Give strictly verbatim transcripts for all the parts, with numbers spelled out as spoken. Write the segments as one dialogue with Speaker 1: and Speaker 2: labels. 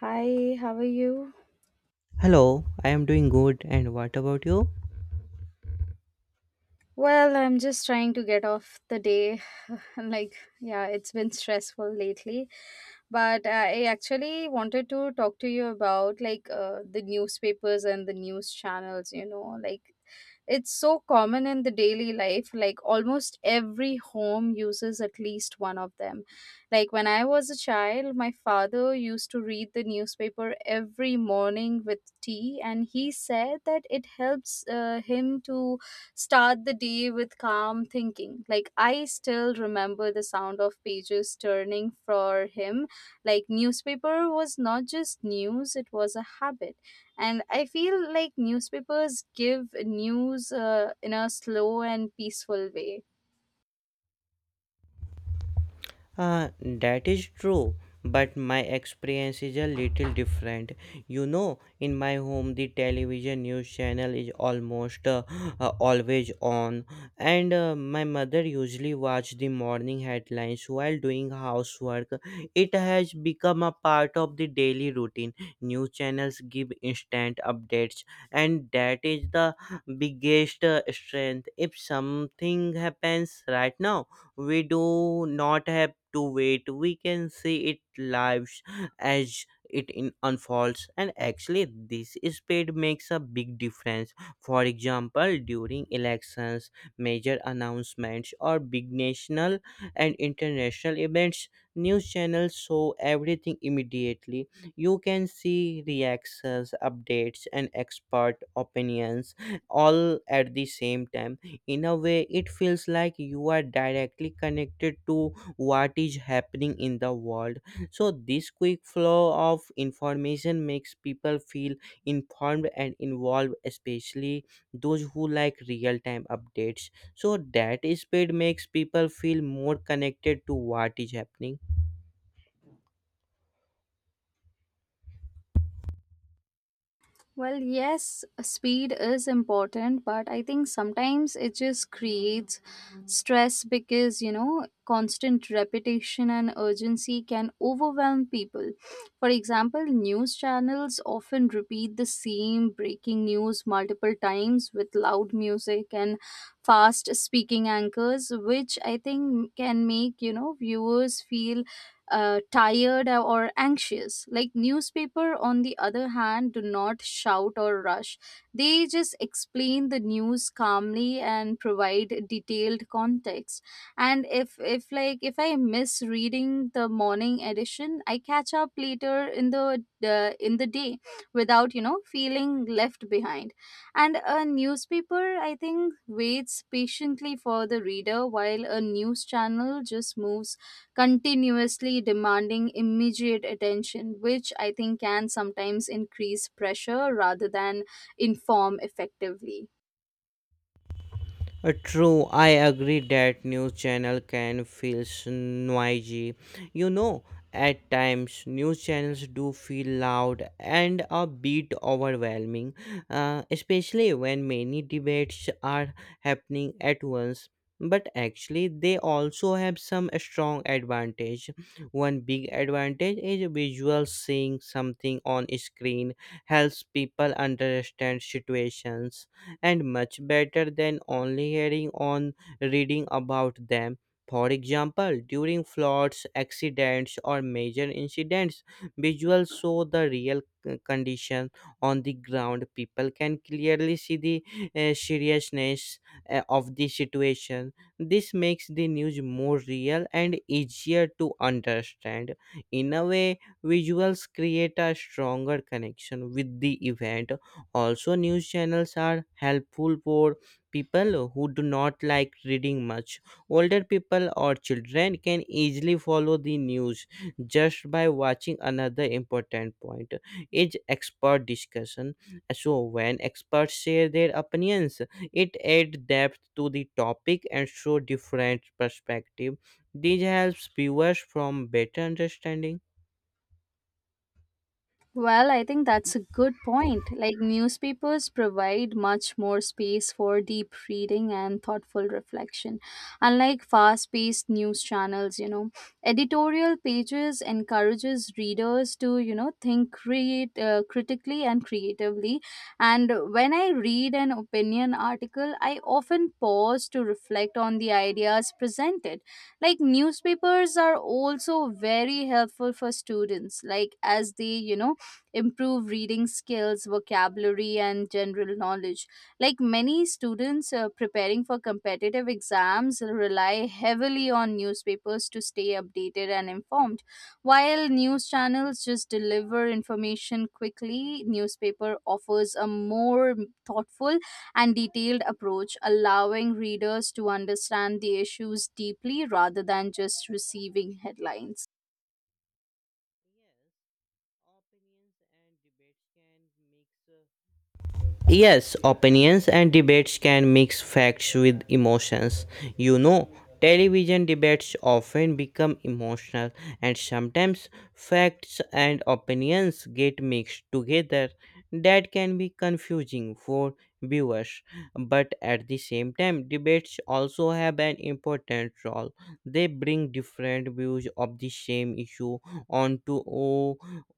Speaker 1: Hi, how are you?
Speaker 2: Hello, I am doing good and what about you?
Speaker 1: Well, I'm just trying to get off the day. like, yeah, it's been stressful lately. But I actually wanted to talk to you about like uh, the newspapers and the news channels, you know, like it's so common in the daily life, like almost every home uses at least one of them. Like when I was a child, my father used to read the newspaper every morning with tea, and he said that it helps uh, him to start the day with calm thinking. Like, I still remember the sound of pages turning for him. Like, newspaper was not just news, it was a habit. And I feel like newspapers give news uh, in a slow and peaceful way.
Speaker 2: Uh, that is true, but my experience is a little different. You know, in my home, the television news channel is almost uh, uh, always on, and uh, my mother usually watch the morning headlines while doing housework. It has become a part of the daily routine. News channels give instant updates, and that is the biggest uh, strength. If something happens right now, we do not have to wait, we can see it live sh- as it in unfolds. And actually this speed makes a big difference. For example, during elections, major announcements, or big national and international events, news channels show everything immediately. You can see reactions, updates, and expert opinions all at the same time. In a way, it feels like you are directly connected to what is happening in the world. So this quick flow of information makes people feel informed and involved, especially those who like real time updates. So that speed makes people feel more connected to what is happening.
Speaker 1: Well, yes, speed is important, but I think sometimes it just creates stress, because you know, constant repetition and urgency can overwhelm people. For example, news channels often repeat the same breaking news multiple times with loud music and fast speaking anchors, which I think can make, you know, viewers feel uh, tired or anxious. Like newspaper, on the other hand, do not shout or rush, they just explain the news calmly and provide detailed context. And if if like if I miss reading the morning edition, I catch up later in the the in the day without, you know, feeling left behind. And a newspaper, I think, waits patiently for the reader, while a news channel just moves continuously, demanding immediate attention, which I think can sometimes increase pressure rather than inform effectively.
Speaker 2: Uh, True, I agree that news channel can feel s- noisy. You know, at times news channels do feel loud and a bit overwhelming, uh, especially when many debates are happening at once. But actually, they also have some strong advantage. One big advantage is visual, seeing something on screen helps people understand situations and much better than only hearing on reading about them. For example, during floods, accidents, or major incidents, visuals show the real c- condition on the ground. People can clearly see the uh, seriousness uh, of the situation. This makes the news more real and easier to understand. In a way, visuals create a stronger connection with the event. Also, news channels are helpful for people who do not like reading much. Older people or children can easily follow the news just by watching. Another important point is expert discussion. So, when experts share their opinions, it adds depth to the topic and show different perspective. This helps viewers from better understanding.
Speaker 1: Well, I think that's a good point. Like, newspapers provide much more space for deep reading and thoughtful reflection. Unlike fast paced news channels, you know, editorial pages encourages readers to, you know, think create, uh, critically and creatively. And when I read an opinion article, I often pause to reflect on the ideas presented. Like newspapers are also very helpful for students, like as they, you know, improve reading skills, vocabulary, and general knowledge. Like many students uh, preparing for competitive exams rely heavily on newspapers to stay updated and informed. While news channels just deliver information quickly, newspaper offers a more thoughtful and detailed approach, allowing readers to understand the issues deeply rather than just receiving headlines.
Speaker 2: Yes, opinions and debates can mix Yes, opinions and debates can mix facts with emotions. You know, television debates often become emotional, and sometimes facts and opinions get mixed together. That can be confusing for viewers, but at the same time, debates also have an important role. They bring different views of the same issue onto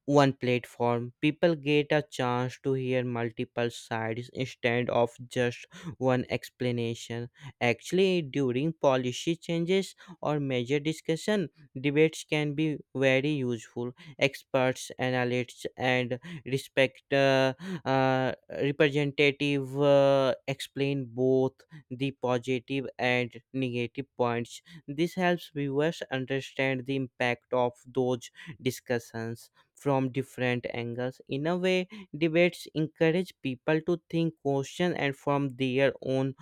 Speaker 2: one platform. People get a chance to hear multiple sides instead of just one explanation. Actually, during policy changes or major discussion, debates can be very useful. Experts, analysts, and respect uh, uh, representative uh, explain both the positive and negative points. This helps viewers understand the impact of those discussions from different angles. In a way, debates encourage people to think, question, and form their own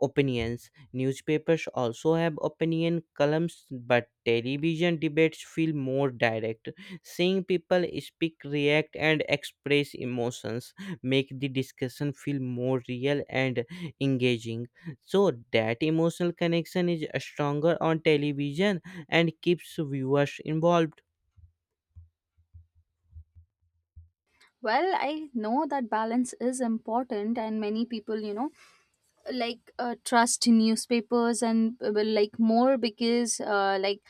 Speaker 2: opinions. Newspapers also have opinion columns, but television debates feel more direct. Seeing people speak, react, and express emotions make the discussion feel more real and engaging. So that emotional connection is stronger on television and keeps viewers involved.
Speaker 1: Well, I know that balance is important, and many people, you know, like uh, trust newspapers and uh, well, like more because, uh, like,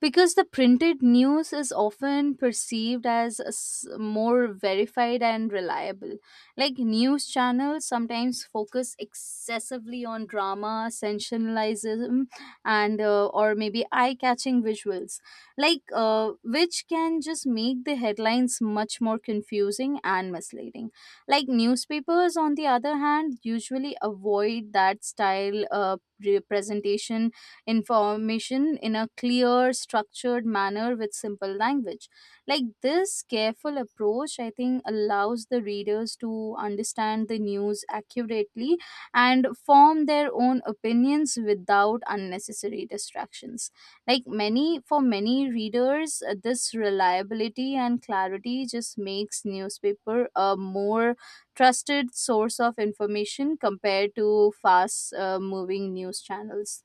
Speaker 1: because the printed news is often perceived as s- more verified and reliable. Like news channels sometimes focus excessively on drama sensationalism and uh, or maybe eye catching visuals, like uh, which can just make the headlines much more confusing and misleading. Like newspapers, on the other hand, usually avoid that style, uh, representation information in a clear, structured manner with simple language. Like this careful approach, I think, allows the readers to understand the news accurately and form their own opinions without unnecessary distractions. Like many, for many readers, uh, this reliability and clarity just makes newspaper a more trusted source of information compared to fast uh, moving news channels.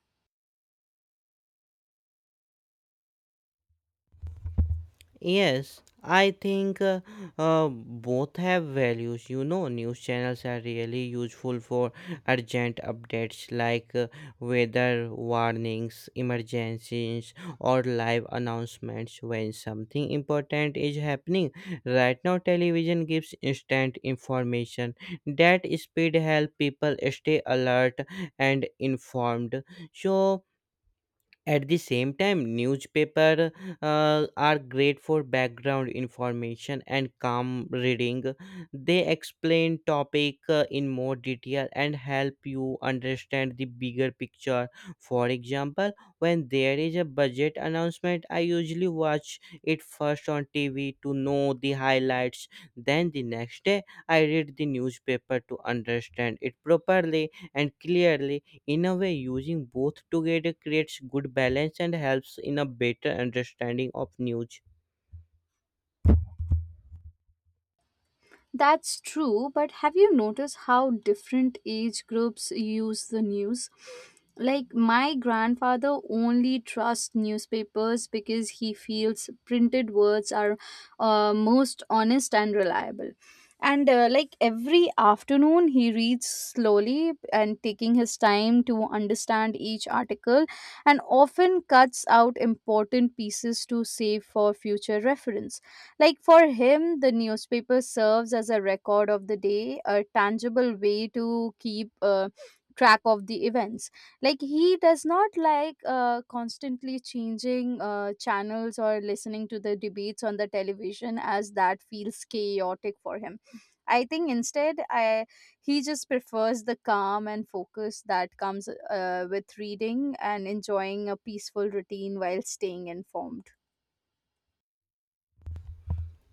Speaker 2: Yes, I think uh, uh, both have values. You know, news channels are really useful for urgent updates like uh, weather warnings, emergencies, or live announcements when something important is happening. Right now, television gives instant information. That speed helps people stay alert and informed. So, at the same time, newspaper uh, are great for background information and calm reading. They explain topic uh, in more detail and help you understand the bigger picture. For example, when there is a budget announcement, I usually watch it first on T V to know the highlights. Then the next day, I read the newspaper to understand it properly and clearly. In a way, using both together creates good balance and helps in a better understanding of news.
Speaker 1: That's true, but have you noticed how different age groups use the news? Like, my grandfather only trusts newspapers because he feels printed words are uh, most honest and reliable. And uh, like every afternoon, he reads slowly, and taking his time to understand each article, and often cuts out important pieces to save for future reference. Like for him, the newspaper serves as a record of the day, a tangible way to keep uh, track of the events. Like he does not like uh, constantly changing uh, channels or listening to the debates on the television, as that feels chaotic for him. I think instead, I he just prefers the calm and focus that comes, uh, with reading and enjoying a peaceful routine while staying informed.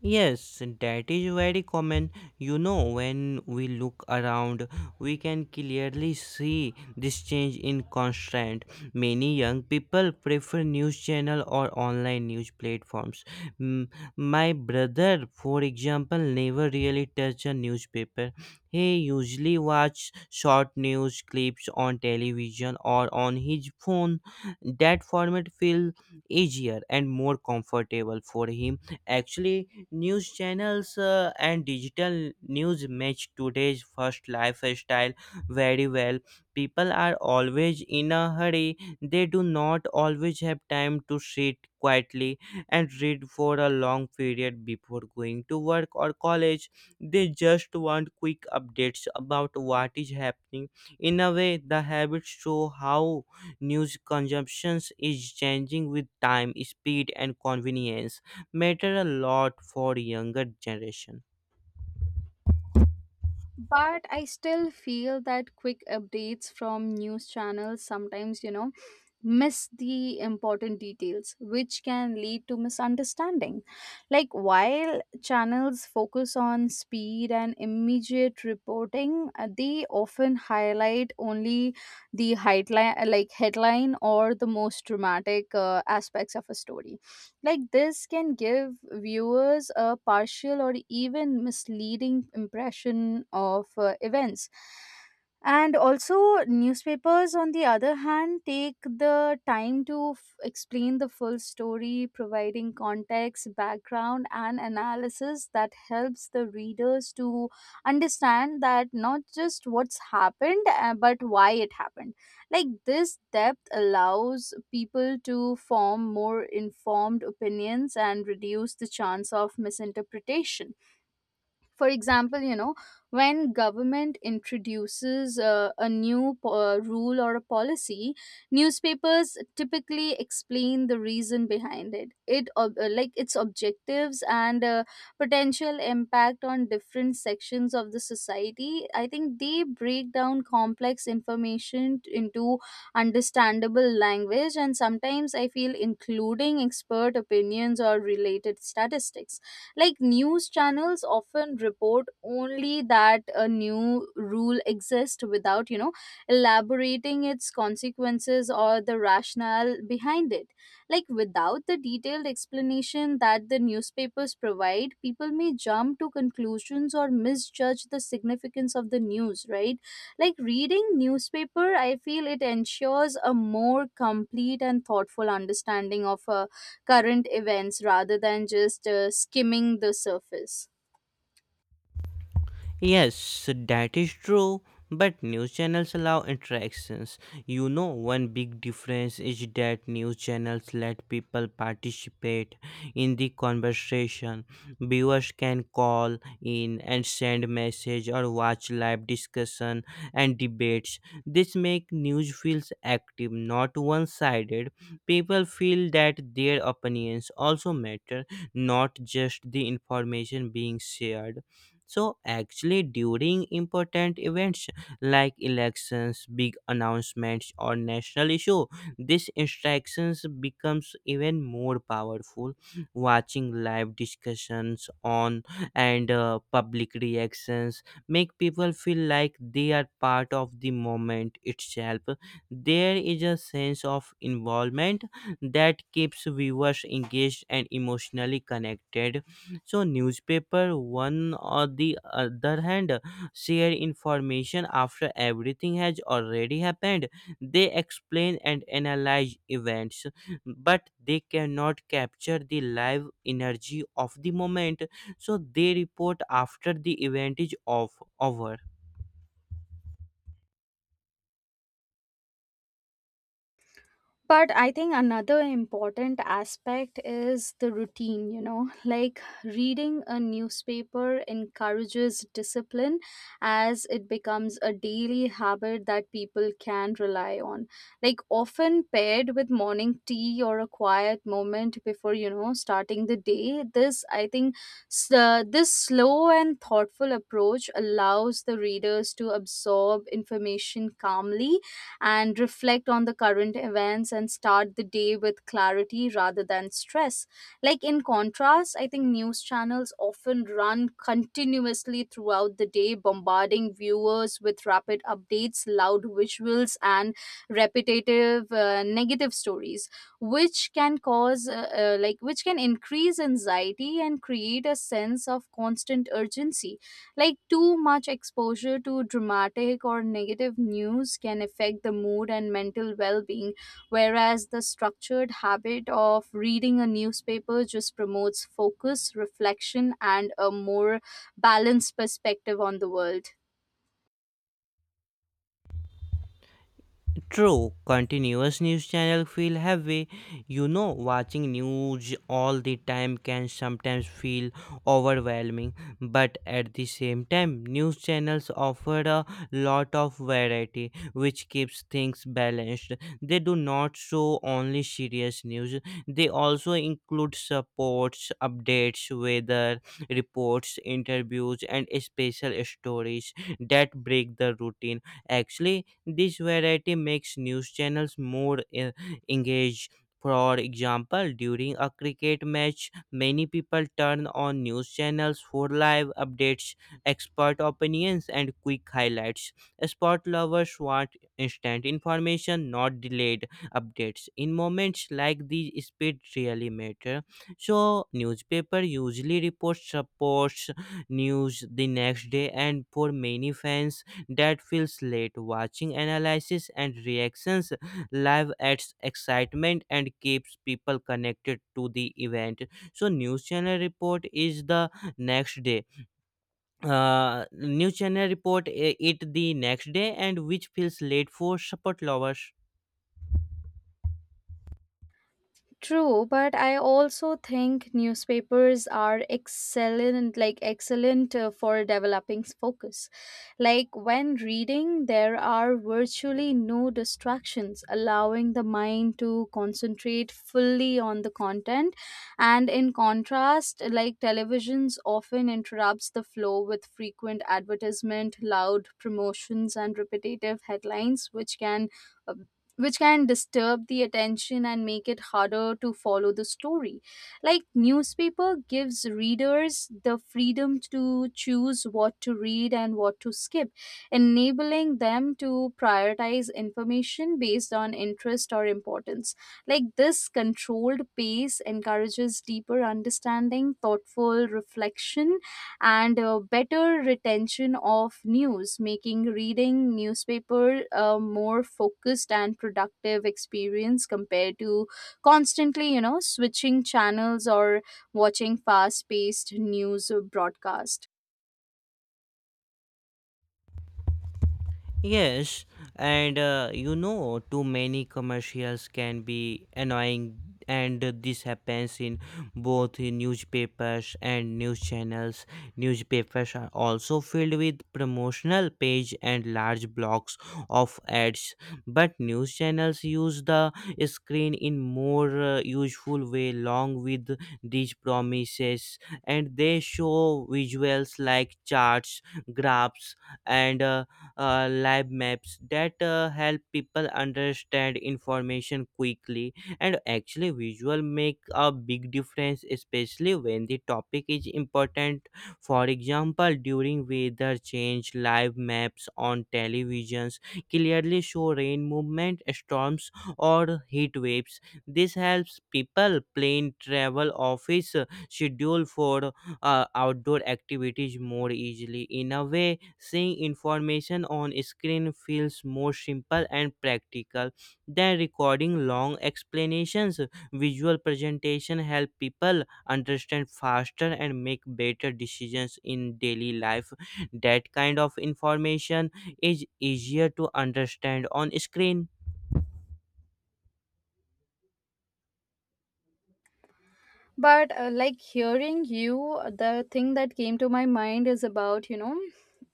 Speaker 2: Yes, that is very common. You know, when we look around, we can clearly see this change in constant. Many young people prefer news channel or online news platforms. Mm, My brother, for example, never really touch a newspaper. He usually watch short news clips on television or on his phone. That format feel easier and more comfortable for him. Actually, news channels uh, and digital news match today's first lifestyle very well. People are always in a hurry. They do not always have time to sit quietly and read for a long period before going to work or college. They just want quick updates about what is happening. In a way, the habits show how news consumption is changing with time, speed, and convenience matter a lot for younger generation.
Speaker 1: But I still feel that quick updates from news channels sometimes, you know, miss the important details, which can lead to misunderstanding. Like while channels focus on speed and immediate reporting, uh, they often highlight only the headline, like headline or the most dramatic uh, aspects of a story. Like this can give viewers a partial or even misleading impression of uh, events. And also, newspapers, on the other hand, take the time to f- explain the full story, providing context, background, and analysis that helps the readers to understand that not just what's happened, uh, but why it happened. Like this depth allows people to form more informed opinions and reduce the chance of misinterpretation. For example, you know, when government introduces uh, a new po- uh, rule or a policy, newspapers typically explain the reason behind it, it ob- uh, like its objectives and uh, potential impact on different sections of the society. I think they break down complex information t- into understandable language, and sometimes I feel including expert opinions or related statistics. Like news channels often report only that a new rule exists without, you know, elaborating its consequences or the rationale behind it. Like without the detailed explanation that the newspapers provide, people may jump to conclusions or misjudge the significance of the news, right? Like reading newspaper, I feel it ensures a more complete and thoughtful understanding of a current events rather than just uh, skimming the surface.
Speaker 2: Yes, so that is true. But news channels allow interactions. You know, one big difference is that news channels let people participate in the conversation. Viewers can call in and send message or watch live discussion and debates. This makes news feels active, not one-sided. People feel that their opinions also matter, not just the information being shared. So, actually, during important events like elections, big announcements, or national issue, these instructions becomes even more powerful. Watching live discussions on and uh, public reactions make people feel like they are part of the moment itself. There is a sense of involvement that keeps viewers engaged and emotionally connected. So newspaper one or the other hand share information after everything has already happened. They explain and analyze events, but they cannot capture the live energy of the moment. So they report after the event is off over.
Speaker 1: But I think another important aspect is the routine, you know, like reading a newspaper encourages discipline as it becomes a daily habit that people can rely on. Like, often paired with morning tea or a quiet moment before, you know, starting the day, this, I think, s- uh, this slow and thoughtful approach allows the readers to absorb information calmly and reflect on the current events and start the day with clarity rather than stress. Like in contrast, I think news channels often run continuously throughout the day, bombarding viewers with rapid updates, loud visuals, and repetitive uh, negative stories, which can cause, uh, uh, like, which can increase anxiety and create a sense of constant urgency. Like, too much exposure to dramatic or negative news can affect the mood and mental well being, whereas the structured habit of reading a newspaper just promotes focus, reflection, and a more balanced perspective on the world.
Speaker 2: True, continuous news channel feel heavy. You know, watching news all the time can sometimes feel overwhelming, but at the same time, news channels offer a lot of variety which keeps things balanced. They do not show only serious news. They also include supports, updates, weather reports, interviews and special stories that break the routine. Actually, this variety makes news channels more eh, engaged. For example, during a cricket match, many people turn on news channels for live updates, expert opinions, and quick highlights. Sport lovers want instant information, not delayed updates. In moments like these, speed really matter. So, newspaper usually reports supports news the next day, and for many fans, that feels late. Watching analysis and reactions live adds excitement and keeps people connected to the event. So news channel report is the next day. Uh, news channel report uh, it the next day and which feels late for support lovers.
Speaker 1: True, but I also think newspapers are excellent, like excellent uh, for developing focus. Like when reading, there are virtually no distractions, allowing the mind to concentrate fully on the content. And in contrast, like televisions often interrupts the flow with frequent advertisement, loud promotions, and repetitive headlines, which can which can disturb the attention and make it harder to follow the story. Like newspaper gives readers the freedom to choose what to read and what to skip, enabling them to prioritize information based on interest or importance. Like this controlled pace encourages deeper understanding, thoughtful reflection, and uh, better retention of news, making reading newspaper a more focused and productive experience compared to constantly, you know, switching channels or watching fast-paced news broadcast.
Speaker 2: Yes, and uh, you know, too many commercials can be annoying, and uh, this happens in both in newspapers and news channels. Newspapers are also filled with promotional page and large blocks of ads, but news channels use the screen in more uh, useful way, along with these promises, and they show visuals like charts, graphs, and uh, uh, lab maps that uh, help people understand information quickly. And actually visual make a big difference, especially when the topic is important. For example, during weather change, live maps on televisions clearly show rain movement, storms, or heat waves. This helps people plan travel, office uh, schedule for uh, outdoor activities more easily. In a way, seeing information on screen feels more simple and practical than recording long explanations. Visual presentation help people understand faster and make better decisions in daily life. That kind of information is easier to understand on screen.
Speaker 1: But uh, like hearing you, the thing that came to my mind is about, you know,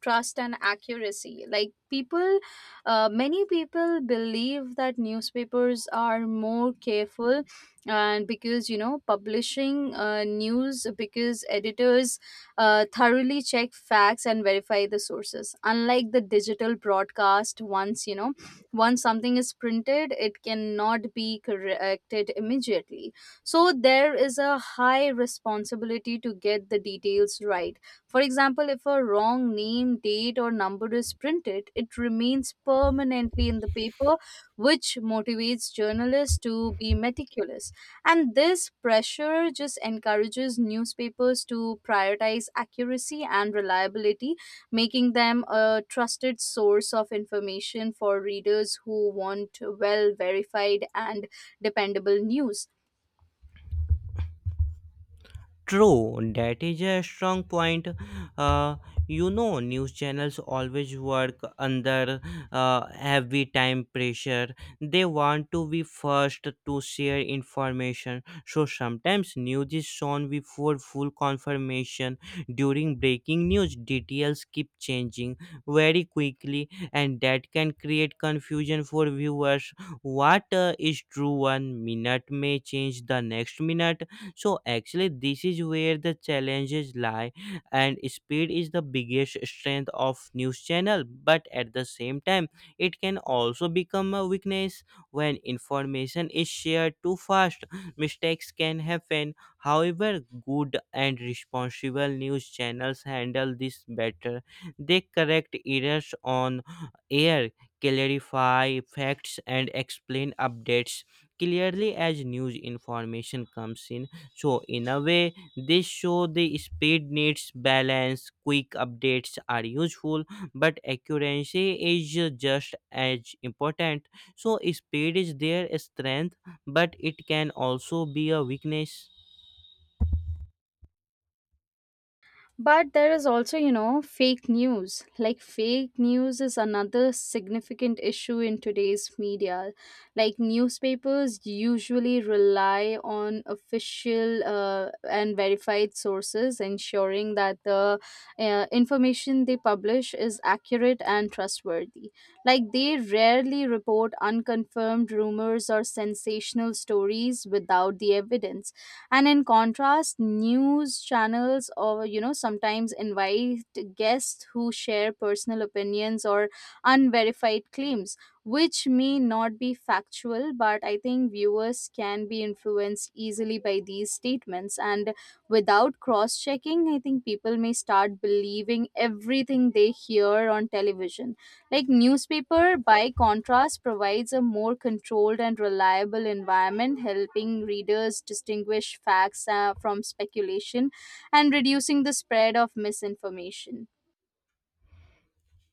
Speaker 1: trust and accuracy. Like people uh, many people believe that newspapers are more careful, and because you know publishing uh, news, because editors uh, thoroughly check facts and verify the sources, unlike the digital broadcast. Once you know, once something is printed, it cannot be corrected immediately, so there is a high responsibility to get the details right. For example, if a wrong name, date, or number is printed, it remains permanently in the paper, which motivates journalists to be meticulous. And this pressure just encourages newspapers to prioritize accuracy and reliability, making them a trusted source of information for readers who want well verified and dependable news.
Speaker 2: True, that is a strong point. Uh, you know, news channels always work under uh, heavy time pressure. They want to be first to share information. So sometimes news is shown before full confirmation. During breaking news, details keep changing very quickly, and that can create confusion for viewers. What uh, is true one minute may change the next minute. So actually, this is where the challenges lie, and speed is the biggest strength of news channel. But at the same time, it can also become a weakness when information is shared too fast. Mistakes can happen. However, good and responsible news channels handle this better. They correct errors on air, clarify facts, and explain updates clearly as news information comes in. So, in a way, this show the speed needs balance, quick updates are useful, but accuracy is uh, just as important. So, speed is their strength, but it can also be a weakness.
Speaker 1: But there is also, you know, fake news. Like, fake news is another significant issue in today's media. Like, newspapers usually rely on official uh, and verified sources, ensuring that the uh, information they publish is accurate and trustworthy. Like, they rarely report unconfirmed rumors or sensational stories without the evidence. And in contrast, news channels or you know sometimes invite guests who share personal opinions or unverified claims, which may not be factual. But I think viewers can be influenced easily by these statements, and without cross checking, I think people may start believing everything they hear on television. Like newspaper, by contrast, provides a more controlled and reliable environment, helping readers distinguish facts uh, from speculation and reducing the spread of misinformation.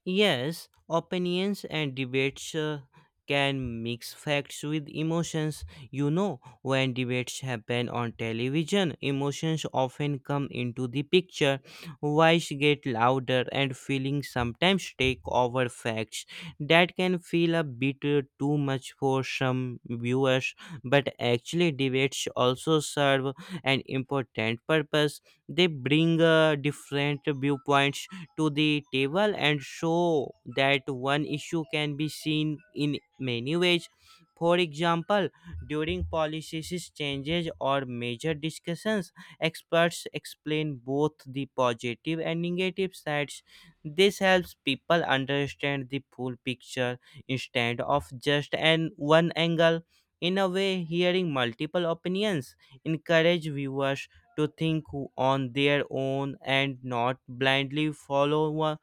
Speaker 2: Yes, opinions and debates uh, can mix facts with emotions. You know, when debates happen on television, emotions often come into the picture. Voice get louder and feelings sometimes take over facts. That can feel a bit uh, too much for some viewers, but actually debates also serve an important purpose. They bring uh, different viewpoints to the table and show that one issue can be seen in many ways. For example, during policies changes or major discussions, experts explain both the positive and negative sides. This helps people understand the full picture instead of just an one angle. In a way, hearing multiple opinions encourage viewers to think on their own and not blindly follow one,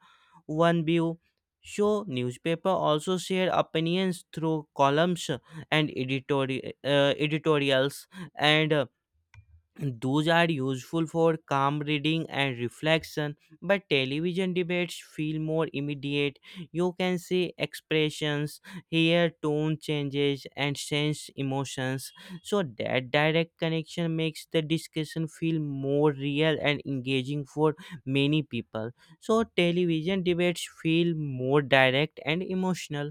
Speaker 2: one view. So, newspaper also share opinions through columns and editori- uh, editorials and uh, and those are useful for calm reading and reflection. But television debates feel more immediate. You can see expressions, hear tone changes and sense emotions. So that direct connection makes the discussion feel more real and engaging for many people. So television debates feel more direct and emotional.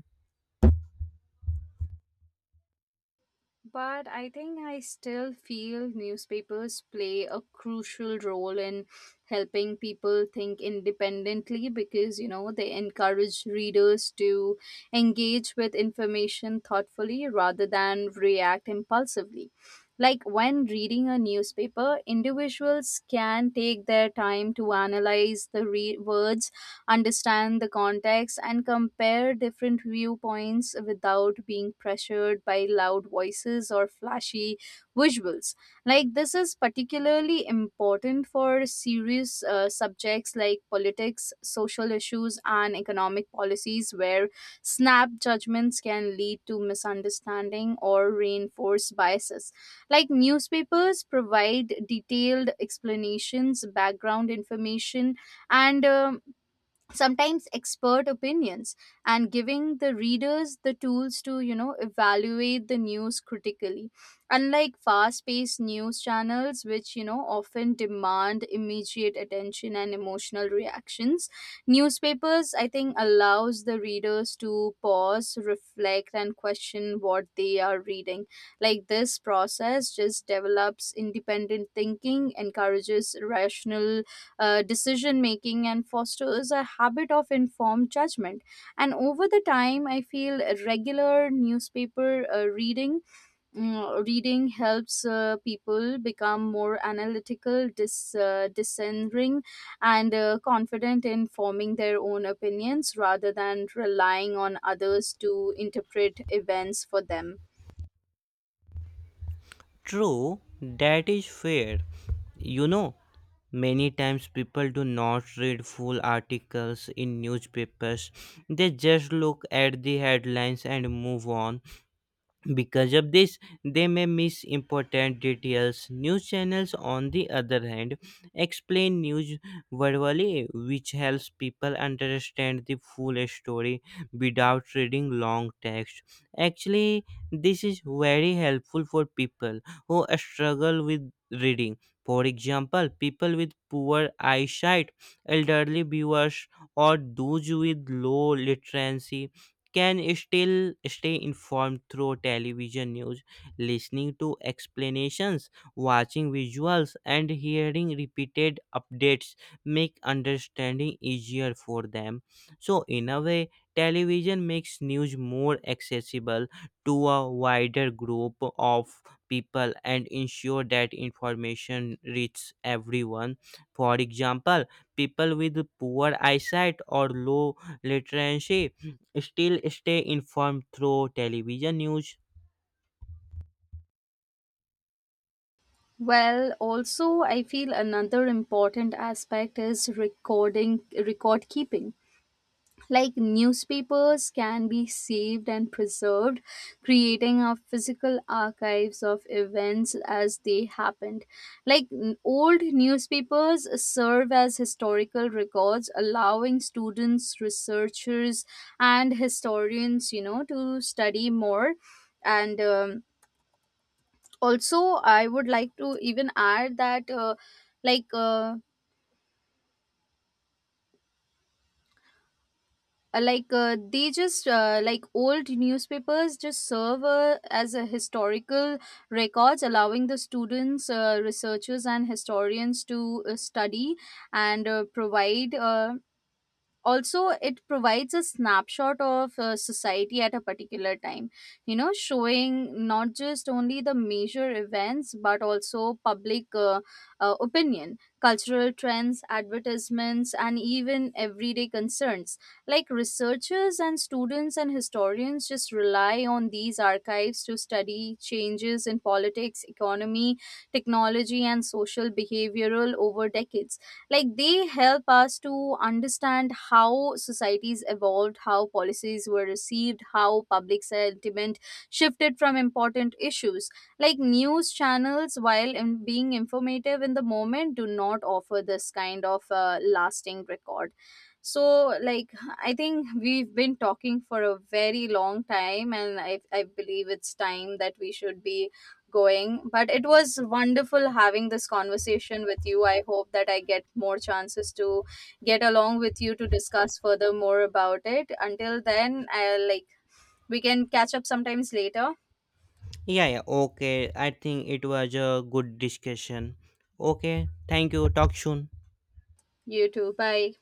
Speaker 1: But I think I still feel newspapers play a crucial role in helping people think independently, because you know they encourage readers to engage with information thoughtfully rather than react impulsively. Like when reading a newspaper, individuals can take their time to analyze the re- words, understand the context, and compare different viewpoints without being pressured by loud voices or flashy visuals. Like, this is particularly important for serious uh, subjects like politics, social issues, and economic policies, where snap judgments can lead to misunderstanding or reinforce biases. Like newspapers provide detailed explanations, background information, and um, sometimes expert opinions, and giving the readers the tools to, you know, evaluate the news critically. Unlike fast paced news channels which, you know, often demand immediate attention and emotional reactions, newspapers, I think, allows the readers to pause, reflect, and question what they are reading. Like this process just develops independent thinking, encourages rational uh, decision making, and fosters a habit of informed judgment. And over the time, I feel regular newspaper uh, reading mm, reading helps uh, people become more analytical, dis, uh, discerning, and uh, confident in forming their own opinions rather than relying on others to interpret events for them.
Speaker 2: True, that is fair. You know, many times people do not read full articles in newspapers. They just look at the headlines and move on. Because of this, they may miss important details. News channels, on the other hand, explain news verbally, which helps people understand the full story without reading long text. Actually, this is very helpful for people who struggle with reading. For example, people with poor eyesight, elderly viewers, or those with low literacy can still stay informed through television news, listening to explanations, watching visuals, and hearing repeated updates make understanding easier for them. So, in a way, television makes news more accessible to a wider group of people and ensure that information reaches everyone. For example, people with poor eyesight or low literacy still stay informed through television news.
Speaker 1: Well, also, I feel another important aspect is recording, record keeping. Like newspapers can be saved and preserved, creating a physical archives of events as they happened. Like n- old newspapers serve as historical records, allowing students, researchers, and historians, you know, to study more. And um, also, I would like to even add that uh, like uh, uh, like uh, they just uh, like old newspapers just serve uh, as a historical records, allowing the students, uh, researchers, and historians to uh, study and uh, provide uh, also it provides a snapshot of uh, society at a particular time, you know, showing not just only the major events but also public uh, uh, opinion, cultural trends, advertisements, and even everyday concerns. Like researchers and students and historians just rely on these archives to study changes in politics, economy, technology, and social behavioral over decades. Like they help us to understand how societies evolved, how policies were received, how public sentiment shifted from important issues. Like news channels, while in being informative in the moment, do not offer this kind of uh, lasting record. So like, I think we've been talking for a very long time, and i, I believe it's time that we should be going. But it was wonderful having this conversation with you. I hope that I get more chances to get along with you to discuss further more about it. Until then, I'll like we can catch up sometimes later.
Speaker 2: Yeah, yeah, okay. I think it was a good discussion. Okay, thank you. Talk soon.
Speaker 1: You too, bye.